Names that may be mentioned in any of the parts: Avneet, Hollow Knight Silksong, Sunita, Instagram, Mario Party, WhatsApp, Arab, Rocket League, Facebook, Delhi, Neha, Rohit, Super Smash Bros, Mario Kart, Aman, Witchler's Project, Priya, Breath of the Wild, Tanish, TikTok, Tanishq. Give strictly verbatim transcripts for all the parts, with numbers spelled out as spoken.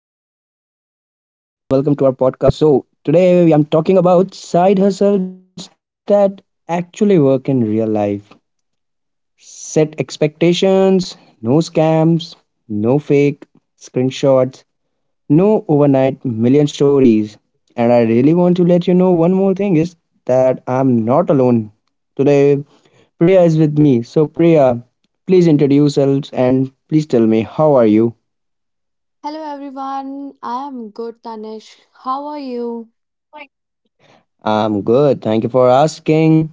Podcast. So, today we I'm talking about side hustles that actually work in real life. Set expectations: no scams, no fake screenshots, no overnight million stories. And I really want to let you know one more thing is that I'm not alone. Today Priya is with me. So Priya, please introduce yourselves and please tell me how are you? Hello everyone, I am good Tanish. How are you? I'm good. Thank you for asking.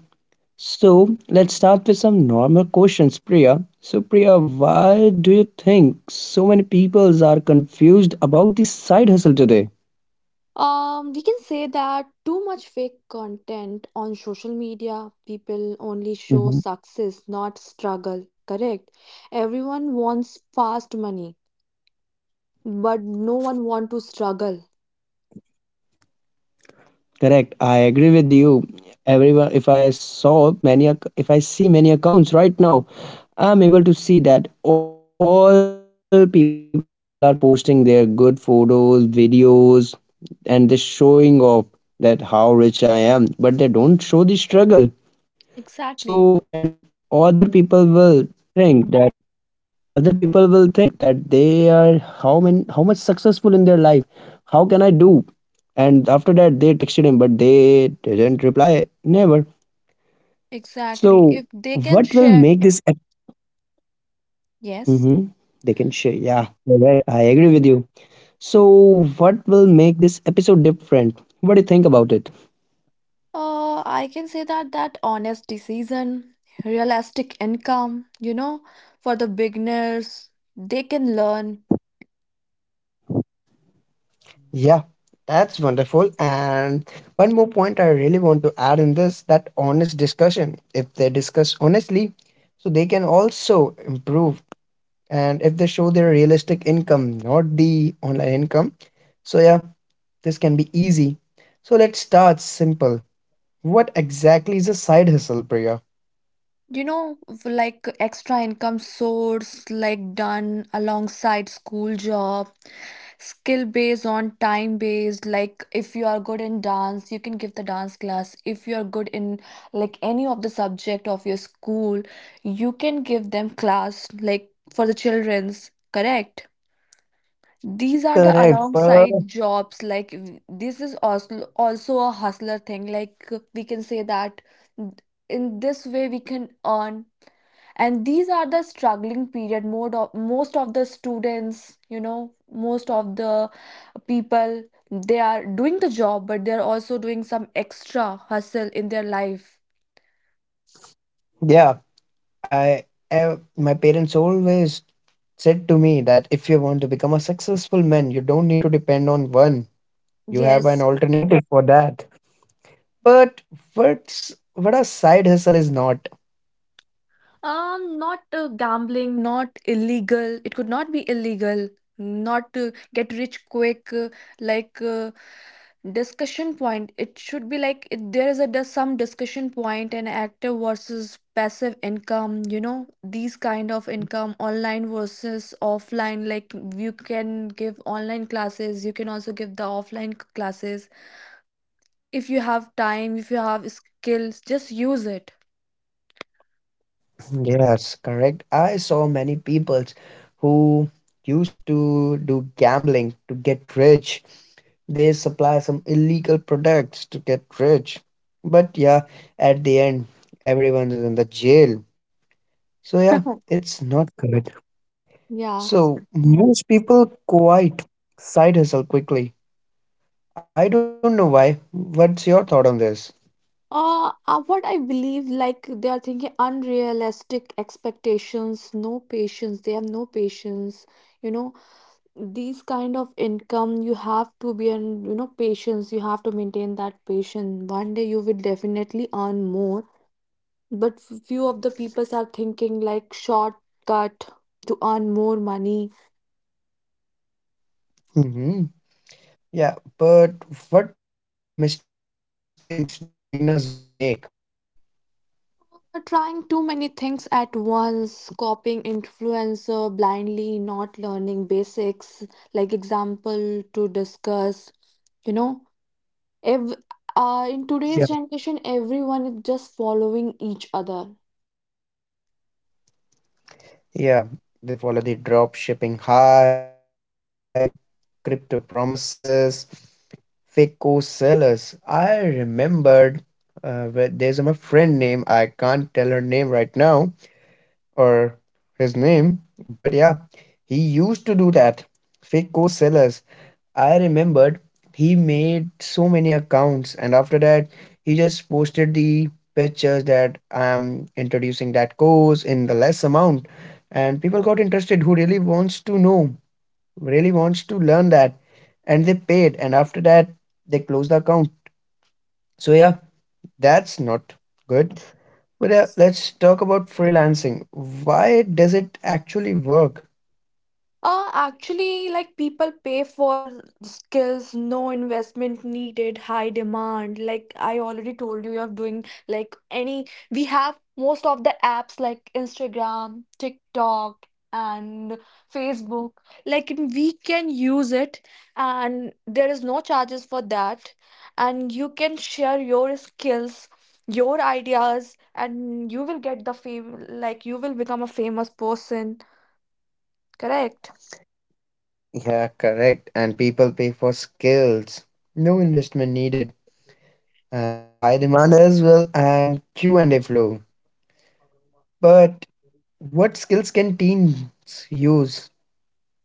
So let's start with some normal questions, Priya. So, Priya, why do you think so many people are confused about the side hustle today? Um, we can say that too much fake content on social media, people only show Mhm. success, not struggle. Correct? Everyone wants fast money, but no one want to struggle. Correct. I agree with you. Everyone, if I saw many, ac- if I see many accounts right now, I'm able to see that all people are posting their good photos, videos, and they're showing off that how rich I am, but they don't show the struggle. So, and other people will Exactly. think that other people will think that they are how many how much successful in their life, how can I do? And after that they texted him but they didn't reply never. So what Exactly. will If make they this ep- can share, Mhm. They can yes. share. Yeah, correct, I agree with you. So what will make this episode different? What do you think about it? Uh, I can say that that honest decision, realistic income, you know, for the beginners, they can learn Yeah, that's wonderful. And one more point I really want to add in this, that honest discussion. If they discuss honestly, so they can also improve. And if they show their realistic income, not the online income. So, yeah, this can be easy. So, let's start simple. What exactly is a side hustle, Priya? You know, v- like extra income source, like done alongside school job, skill based on time based. Like if you are good in dance, you can give the dance class. If you are good in like any of the subject of your school, you can give them class like for the children's, correct? These are the Correct. alongside But jobs. Like w- this is also also a hustler thing. Like we can say that in this way we can earn, and these are the struggling period mode of most of the students, you know, most of the people they are doing the job, but they are also doing some extra hustle in their life. yeah, I, I my parents always said to me that if you want to become a successful man, you don't need to depend on one. You have Yes. an alternative for that. But what's what a side hustle is not. Um, not uh, gambling, not illegal. It could not be illegal. Not uh, get rich quick, uh, like uh, discussion point. It should be like it, there is a dis- some discussion point and active versus passive income. You know, these kind of income, online versus offline. Like you can give online classes, you can also give the offline c- classes. If you have time, if you have skills, just use it. Yes, correct. I saw many people who used to do gambling to get rich. They supply some illegal products to get rich. But yeah, at the end, everyone is in the jail. So yeah, it's not good. Yeah. So most people quite side hustle quickly. I don't know why. What's your thought on this? Uh, uh, what I believe, like they are thinking unrealistic expectations, no patience, they have no patience. You know, these kind of income, you have to be in, you know, patience, you have to maintain that patience. One day you will definitely earn more. But f- few of the peoples are thinking like shortcut to earn more money. Mhm. Yeah, but what mistakes do beginners make? Trying too many things at once, copying influencer blindly, not learning basics, like example to discuss, you know, if uh, in Yeah. today's generation, everyone is just following each other. Yeah, they follow the drop shipping hype, crypto promises, fake course sellers. I remembered uh, where there's my friend name. I can't tell her name right now or his name, but yeah, he used to do that. Fake course sellers. I remembered he made so many accounts, and after that, he just posted the pictures that I'm introducing that course in the less amount. And people got interested who really wants to know, really wants to learn that. And they paid, and after that, they closed the account. So, yeah, that's not good. But uh, let's talk about freelancing. Why does it actually work? Uh, actually, like people pay for skills, no investment needed, high demand. Like I already told you, you're doing like any, we have most of the apps like Instagram, TikTok, and Facebook. Like and we can use it, and there is no charges for that. And you can share your skills, your ideas, and you will get the fame, like you will become a famous person, correct? Yeah, correct. And people pay for skills. No investment needed and high demand as well, and Q and A flow. But what skills can teens use?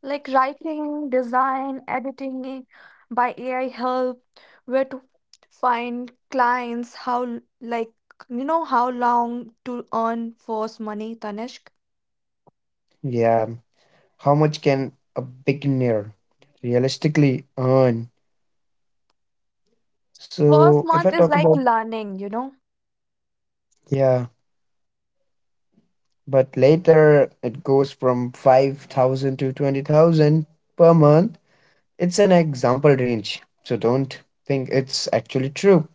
Like writing, design, editing by A I help, where to find clients, how l- like you know how long to earn first money, Tanishq. Yeah, how much can a beginner realistically earn? First So if I month is talk like about, learning, you know? yeah, but later it goes from five thousand to twenty thousand per month. It's an example range. So don't think it's actually true.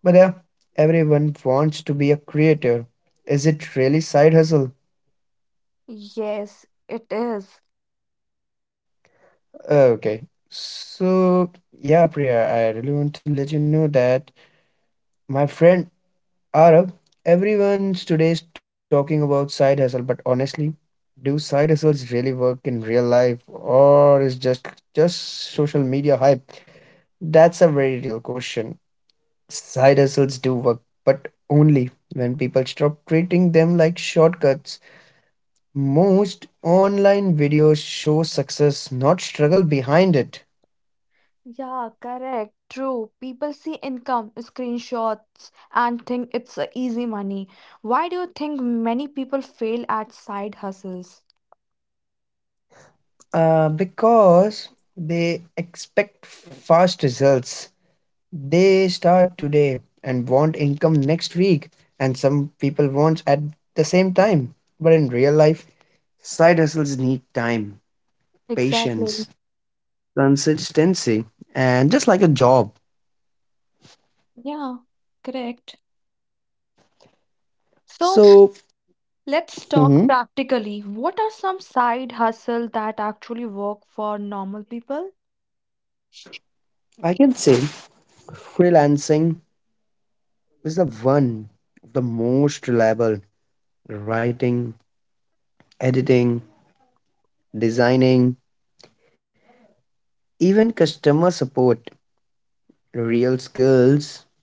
But yeah, everyone wants to be a creator. Is it really side hustle? Yes, it is. Uh, Okay. So yeah, Priya, I really want to let you know that my friend Arab, everyone today is talking about side hustle, but honestly, do side hustles really work in real life, or is just just social media hype? That's a very real question. Side hustles do work, but only when people stop treating them like shortcuts. Most online videos show success, not struggle behind it, Yeah, correct. True. People see income, screenshots, and think it's a easy money. Why do you think many people fail at side hustles? uh, because they expect fast results. They start today and want income next week, and some people want at the same time. But in real life, side hustles need time, Exactly. patience, consistency, and just like a job. Yeah, correct. So So, let's talk mhm, practically. What are some side hustle that actually work for normal people? I can say freelancing is the one of the most reliable: writing, editing, designing, even customer support, real skills,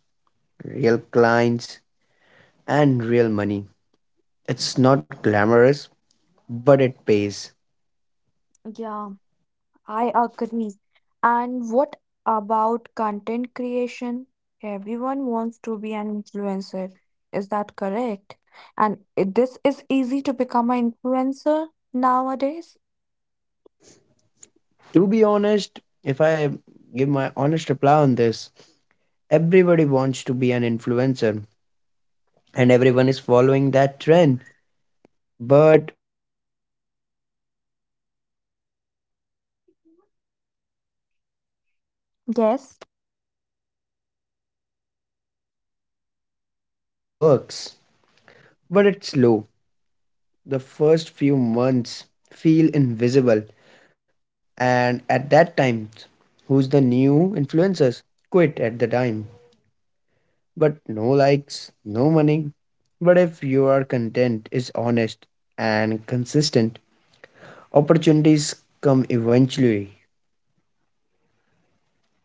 real clients, and real money. It's not glamorous, but it pays. Yeah, I agree. And what about content creation? Everyone wants to be an influencer. Is that correct? And i- this is easy to become an influencer nowadays? To be honest, if I give my honest reply on this, everybody wants to be an influencer and everyone is following that trend, but only some can be an influencer because everyone not had that skill. Yes. So now, but yeah, content creation works, but it's slow. The first few months feel invisible, and at that time who's the new influencers quit at the time, but no likes, no money. But if your content is honest and consistent, opportunities come eventually.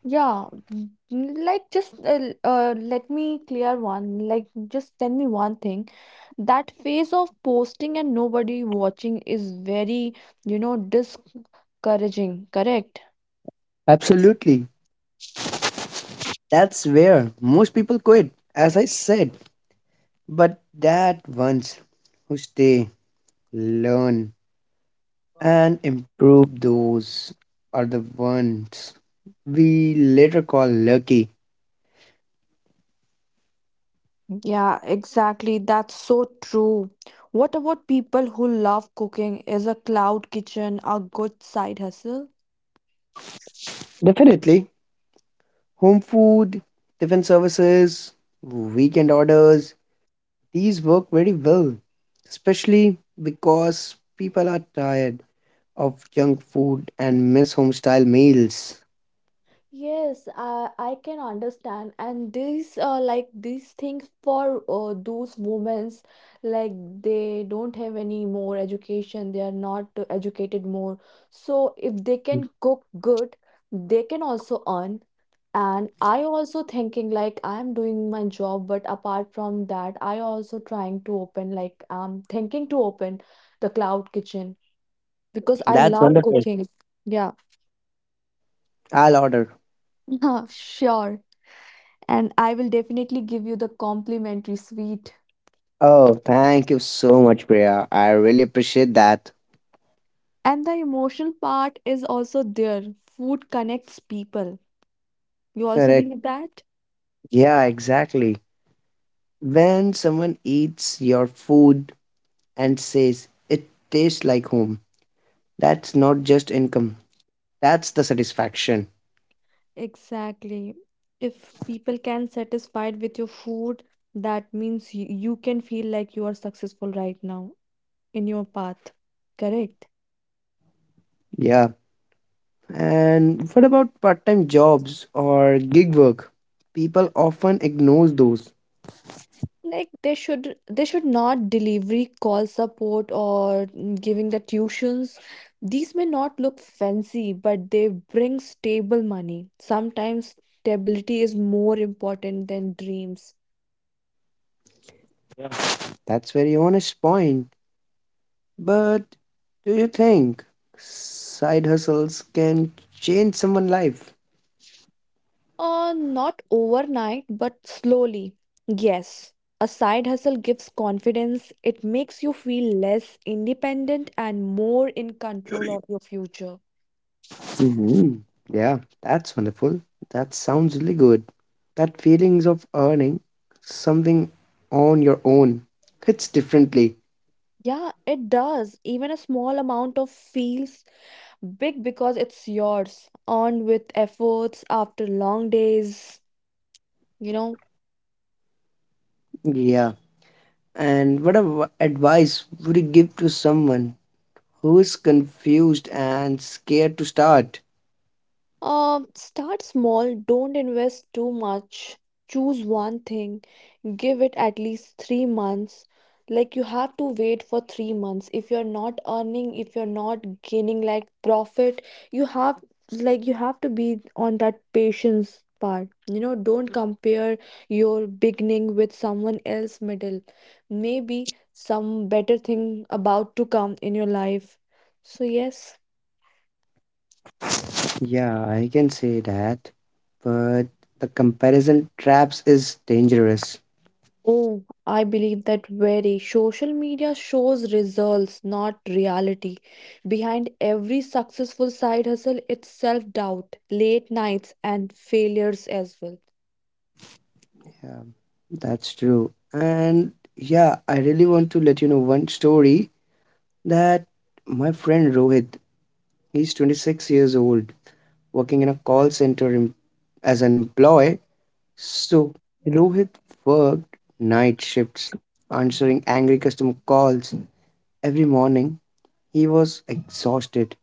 Yeah, n- n- like just uh, l- uh, let me clear one. Like, just tell me one thing. That phase of posting and nobody watching is very, you know, discouraging, correct? Absolutely, that's where most people quit, as I said. But that ones who stay, learn, and improve, those are the ones we later call lucky. Yeah, exactly. That's so true. What about people who love cooking? Is a cloud kitchen a good side hustle? Definitely, home food, tiffin services, weekend orders, these work very well, especially because people are tired of junk food and miss home style meals. Yes, I I can understand, and these uh, like these things for uh, those women's like they don't have any more education. They are not uh, educated more. So if they can cook good, they can also earn. And I also thinking like I'm doing my job, but apart from that, I also trying to open like I'm thinking to open the cloud kitchen because I That's love wonderful. cooking. Yeah, I'll order. sure. And I will definitely give you the complimentary sweet. Oh, thank you so much, Priya. I really appreciate that. And the emotional part is also there. Food connects people. You also believe Correct. that? Yeah, exactly. When someone eats your food and says it tastes like home, that's not just income, that's the satisfaction. Exactly. If people can satisfied with your food, that means you, you can feel like you are successful right now in your path. Correct? Yeah. And what about part time jobs or gig work? People often ignore those. Like they should they should not delivery call support or giving the tuitions. These may not look fancy, but they bring stable money. Sometimes stability is more important than dreams. Yeah. That's very honest point. But do you think side hustles can change someone's life? Uh not overnight, but slowly, yes. A side hustle gives confidence. It makes you feel less independent and more in control of your future. Mhm. Yeah, that's wonderful. That sounds really good. That feelings of earning something on your own hits differently. Yeah, it does. Even a small amount of feels big because it's yours, earned with efforts after long days. You know, Yeah. And what av- advice would you give to someone who is confused and scared to start? um, start small, don't invest too much. Choose one thing, give it at least three months, like you have to wait for three months if you're not earning, if you're not gaining like profit, you have like you have to be on that patience part, you know. Don't compare your beginning with someone else middle. Maybe some better thing about to come in your life, so yes. Yeah, I can say that. But the comparison traps is dangerous. Oh, I believe that very. Social media shows results, not reality. Behind every successful side hustle, it's self doubt, late nights, and failures as well. Yeah, that's true. And yeah, I really want to let you know one story that my friend Rohit, he's twenty-six years old, working in a call center em- as an employee. So, Rohit worked night shifts, answering angry customer calls every morning. He was exhausted,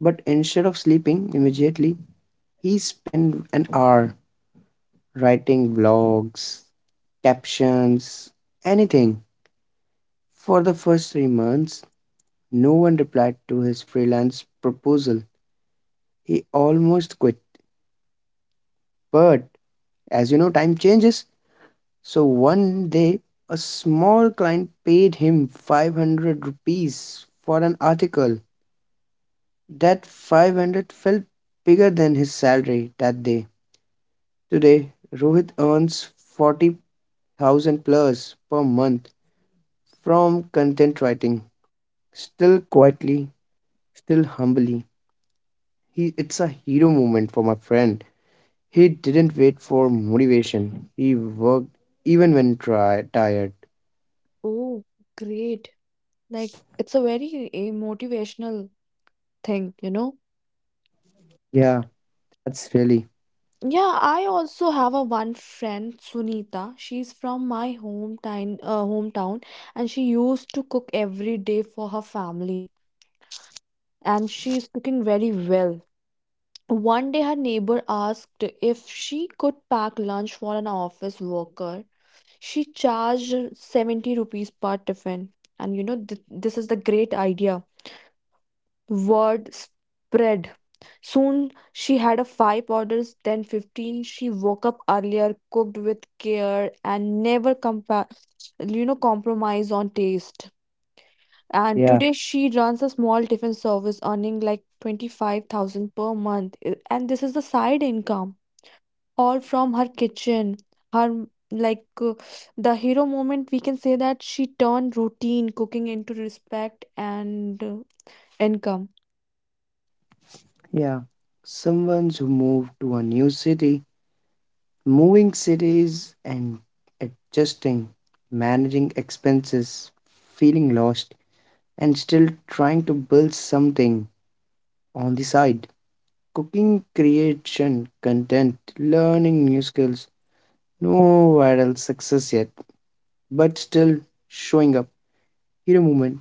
but instead of sleeping immediately, he spent an hour writing blogs, captions, anything. For the first three months, no one replied to his freelance proposal. He almost quit. But as you know, time changes. So one day, a small client paid him five hundred rupees for an article. That five hundred felt bigger than his salary that day. Today, Rohit earns forty thousand plus per month from content writing. Still quietly, still humbly. He, it's a hero moment for my friend. He didn't wait for motivation. He worked even when try, tired. Oh, great. Like, it's a very eh, motivational thing, you know? Yeah, that's really, Yeah, I also have a one friend, Sunita. She's from my hometown, uh, hometown, and she used to cook every day for her family. And she's cooking very well. One day, her neighbor asked if she could pack lunch for an office worker. She charged seventy rupees per tiffin. And you know, th- this is the great idea. Word spread. Soon, she had a five orders, then fifteen. She woke up earlier, cooked with care, and never compa- you know, compromise on taste. And yeah, today, she runs a small tiffin service, earning like twenty-five thousand per month. I- And this is the side income all from her kitchen. Her like uh, the hero moment we can say that she turned routine cooking into respect and uh, income. yeah. Someone who moved to a new city, moving cities and adjusting, managing expenses, feeling lost, and still trying to build something on the side. Cooking, creation, content, learning new skills. No viral success yet, but still showing up. Hero moment,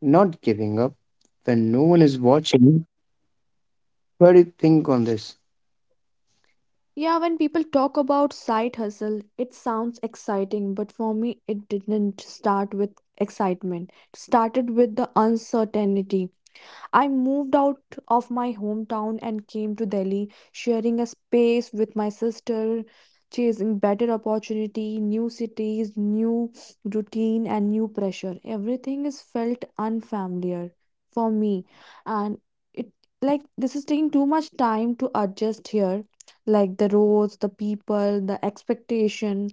not giving up when no one is watching. What do you think on this? Yeah, when people talk about side hustle, it sounds exciting, but for me it didn't start with excitement. It started with the uncertainty. I moved out of my hometown and came to Delhi, sharing a space with my sister, chasing better opportunity, new cities, new routine, and new pressure. Everything is felt unfamiliar for me, and it like this is taking too much time to adjust here, like the roads, the people, the expectation.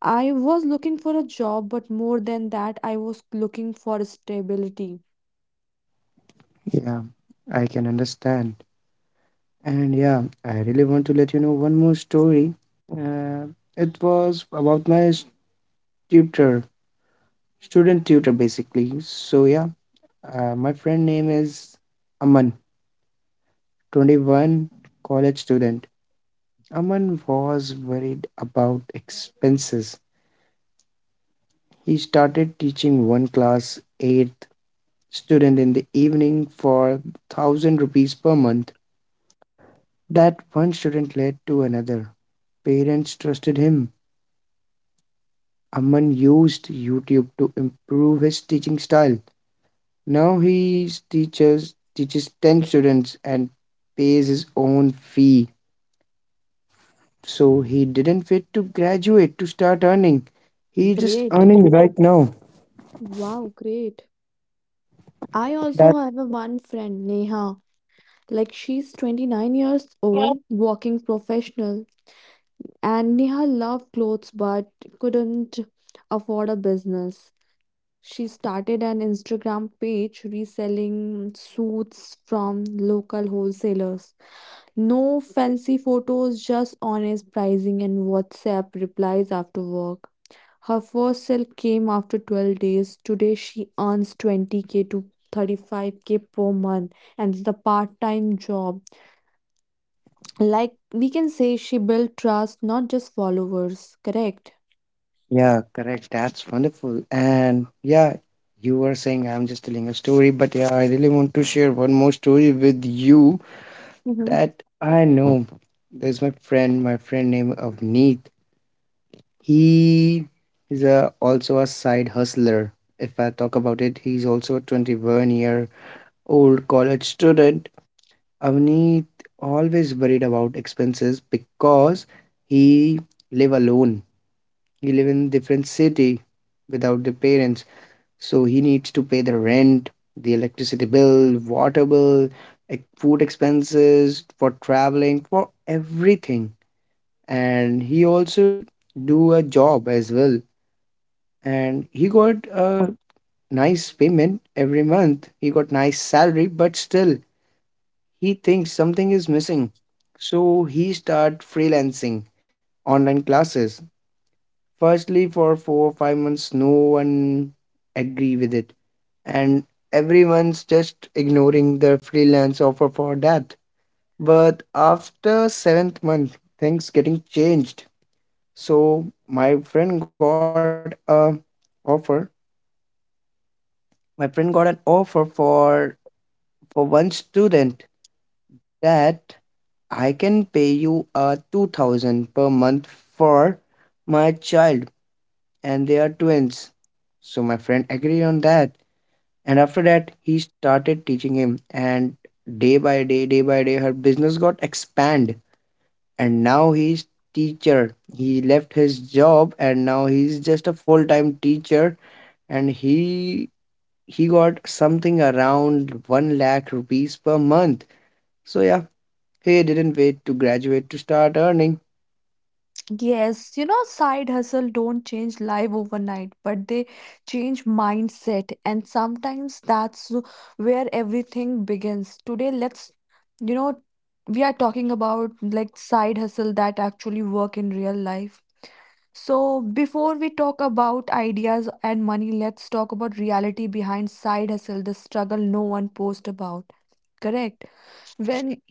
I was looking for a job, but more than that, I was looking for stability. Yeah, I can understand. And yeah, I really want to let you know one more story. Uh, it was about my tutor, student tutor, basically. So yeah, uh, my friend name is Aman, twenty-one, college student. Aman was worried about expenses. He started teaching one class eighth student in the evening for a thousand rupees per month. That one student led to another. Parents trusted him. Amman used YouTube to improve his teaching style. Now he teaches teaches ten students and pays his own fee. So he didn't wait to graduate to start earning. He just Great. earning right now. Wow, great. I also That, have a one friend, Neha. Like she's twenty-nine years old, working professional, and Neha loved clothes but couldn't afford a business. She started an Instagram page reselling suits from local wholesalers. No fancy photos, just honest pricing and WhatsApp replies after work. Her first sale came after twelve days. Today she earns twenty k to thirty-five k per month and it's a part-time job. Like we can say she built trust, not just followers, correct? yeah, correct, that's wonderful. And yeah, you were saying I'm just telling a story, but yeah, I really want to share one more story with you Hmm. that I know. There's my friend, my friend named Avneet. He is a, also a side hustler. If I talk about it, he's also a twenty-one year old college student. Avneet always worried about expenses because he live alone. He live in different city without the parents. So he needs to pay the rent, the electricity bill, water bill, ex- food expenses, for traveling, for everything, and he also do a job as well, and he got a nice payment every month. He got nice salary, but still he thinks something is missing. So he start freelancing online classes firstly. For four or five months no one agree with it and everyone's just ignoring the freelance offer for that. But after seventh month things getting changed. So my friend got a offer. My friend got an offer for for one student, that I can pay you a two thousand per month for my child, and they are twins. So my friend agreed on that, and after that he started teaching him, and day by day, day by day her business got expand, and now he's teacher. He left his job and now he's just a full-time teacher, and he he got something around one lakh rupees per month. So, yeah, he didn't wait to graduate to start earning. Yes, you know, side hustle don't change life overnight, but they change mindset, and sometimes that's where everything begins. Today, let's, you know, we are talking about like side hustle that actually work in real life. So, before we talk about ideas and money, let's talk about reality behind side hustle, the struggle no one posts about. Correct. Yeah. When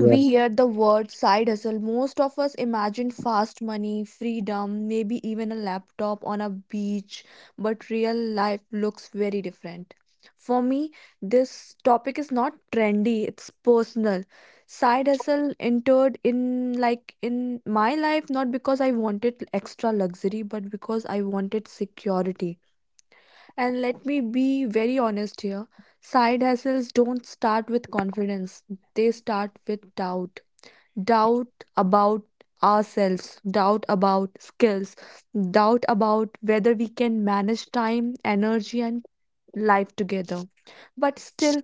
we hear the word side hustle, most of us imagine fast money, freedom, maybe even a laptop on a beach, but real life looks very different. For me, this topic is not trendy, it's personal. Side hustle entered in like in my life not because I wanted extra luxury, but because I wanted security. And let me be very honest here. Side hustles don't start with confidence. They start with doubt. Doubt about ourselves, doubt about skills, doubt about whether we can manage time, energy, and life together. But still,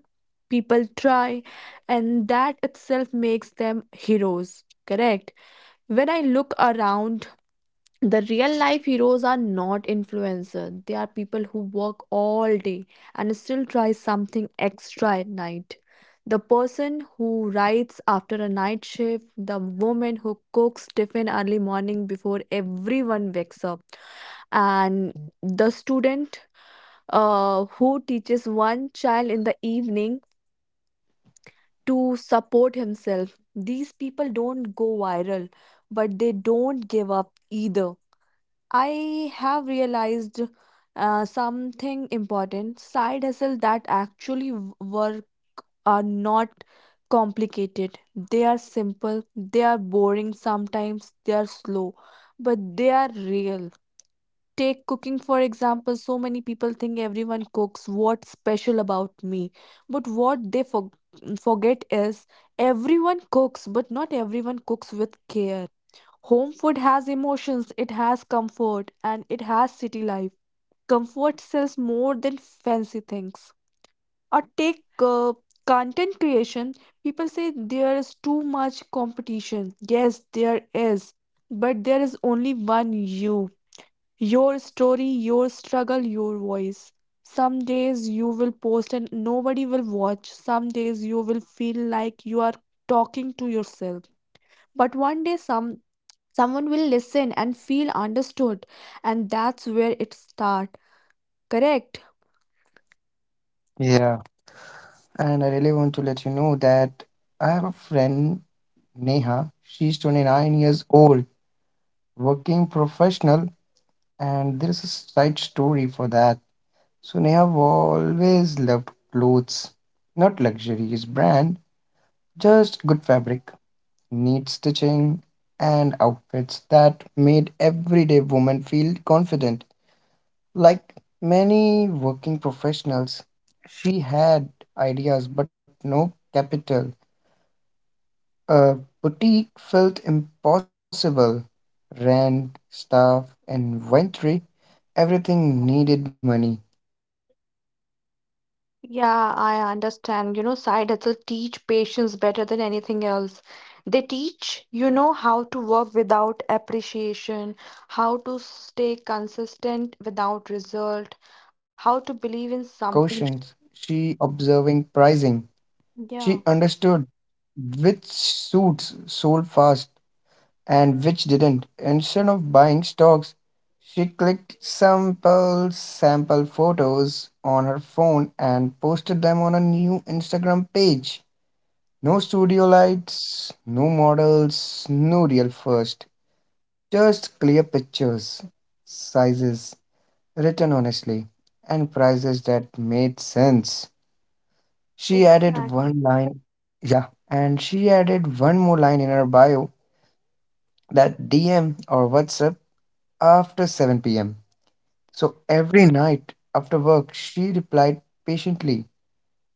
people try, and that itself makes them heroes. Correct. When I look around, the real life heroes are not influencers. They are people who work all day and still try something extra at night. The person who writes after a night shift, the woman who cooks tiffin early morning before everyone wakes up, and the student uh, who teaches one child in the evening to support himself. These people don't go viral, but they don't give up either. I have realized uh, something important. Side hustle that actually w- work are not complicated. They are simple, they are boring sometimes, they are slow, but they are real. Take cooking for example, so many people think everyone cooks. What's special about me? But what they for- forget is everyone cooks, but not everyone cooks with care. Home food has emotions, it has comfort, and it has city life. Comfort sells more than fancy things. Or take uh, content creation. People say there is too much competition. Yes, there is. But there is only one you. Your story, your struggle, your voice. Some days you will post and nobody will watch. Some days you will feel like you are talking to yourself. But one day, some Someone will listen and feel understood, and that's where it starts. Correct? Yeah. And I really want to let you know that I have a friend, Neha. She's twenty-nine years old, working professional, and there's a side story for that. So, Neha always loved clothes, not luxurious brand, just good fabric, neat stitching, and outfits that made everyday women feel confident. Like many working professionals, she had ideas but no capital. A boutique felt impossible. Rent, staff, inventory, everything needed money she didn't have. Yeah, I understand. You know, side hustle teach patience better than anything else. They teach, you know, how to work without appreciation, how to stay Near her area, consistent without she result, how to asked believe in something. questions, she observing pricing. She Yeah, understood which suits sold fast and which didn't. Instead of buying stocks, she clicked sample sample photos on her phone and posted them on a new Instagram page. No studio lights, no models, no real first. Just clear pictures, sizes, written honestly, and prices that made sense. She added one exactly. line, yeah, and she added one more line in her bio that D M or WhatsApp after seven p m. So every night after work, she replied patiently,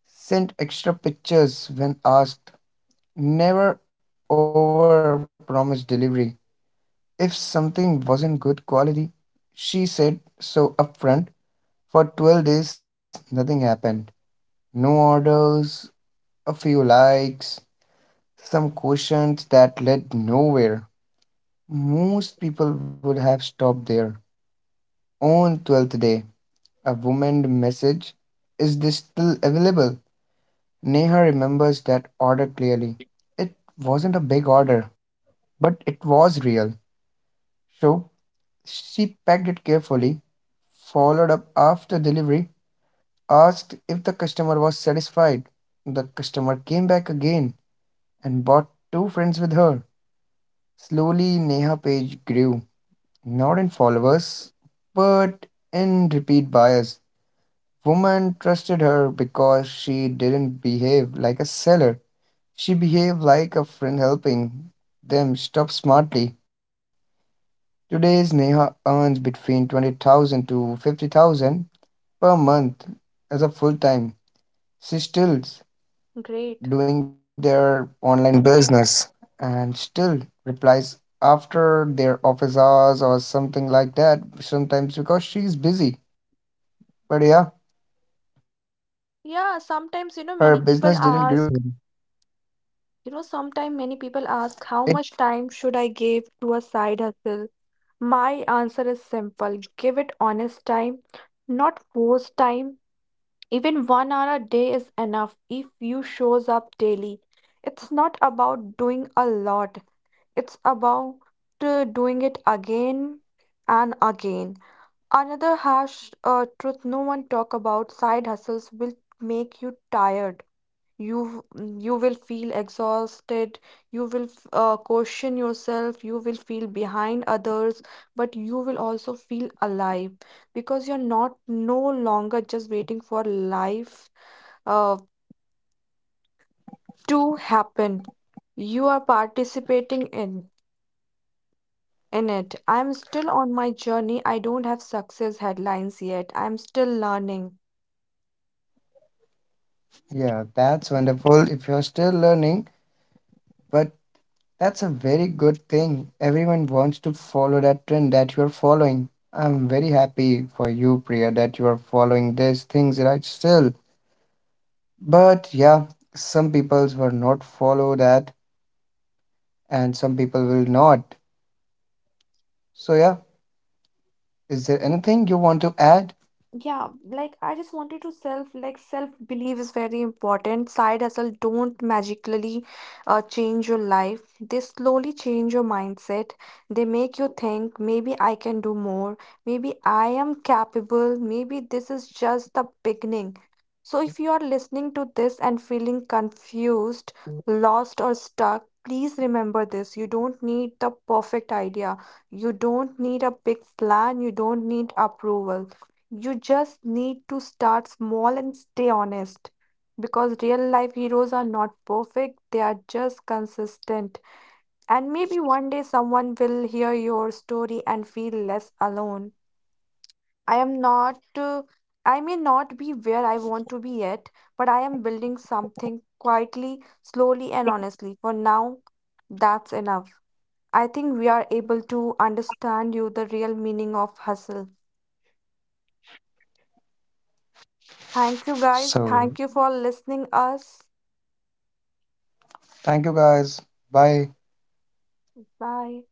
sent extra pictures when asked, never over promised delivery. If something wasn't good quality, she said so upfront. For twelve days, nothing happened: no orders, a few likes, some questions that led nowhere. Most people would have stopped there. On twelfth day, a woman message, is this still available? Neha remembers that order clearly. It wasn't a big order, but it was real. So she packed it carefully, followed up after delivery, asked if the customer was satisfied. The customer came back again and bought two friends with her. Slowly, Neha Page grew, not in followers, but in repeat buyers. Women trusted her because she didn't behave like a seller. She behaved like a friend helping them shop smartly. Today's Neha earns between twenty thousand to fifty thousand per month as a full time. She still Great. doing their online business and still replies after their office hours or something like that sometimes because she's busy. But yeah, her business didn't Yeah, grow sometimes, you know, many because, people uh, ask, you know, sometimes many people ask, how it, much time should I give to a side hustle? My answer is simple, give it honest time, not forced time. Even one hour a day is enough if you shows up daily. It's not about doing a lot, it's about uh, doing it again and again. Another harsh uh, truth no one talk about, side hustles will make you tired. You you will feel exhausted, you will f- uh, question yourself, you will feel behind others, but you will also feel alive because you're not no longer just waiting for life uh, to happen. You are participating in in it. I'm still on my journey. I don't have success headlines yet. I'm still learning. yeah, that's wonderful. If you're still learning, but that's a very good thing. Everyone wants to follow that trend that you're following. I'm very happy for you, Priya, that you are following these things right still. But yeah, some people will not follow that, and some people will not. So, yeah, is there anything you want to add? Yeah, like I just wanted to self like self belief is very important. Side hustle don't magically uh, change your life. They slowly change your mindset. They make you think maybe I can do more. Maybe I am capable. Maybe this is just the beginning. So if you are listening to this and feeling confused, lost or stuck, please remember this. You don't need the perfect idea. You don't need a big plan. You don't need approval, you just need to start small and stay honest, because real life heroes are not perfect, they are just consistent. And maybe one day someone will hear your story and feel less alone. I am not, uh, I may not be where I want to be yet, but I am building something quietly, slowly, and honestly. For now, that's enough. I think we are able to understand you the real meaning of hustle. Thank you So, guys. Thank you for listening us. thank you guys. Bye. Bye.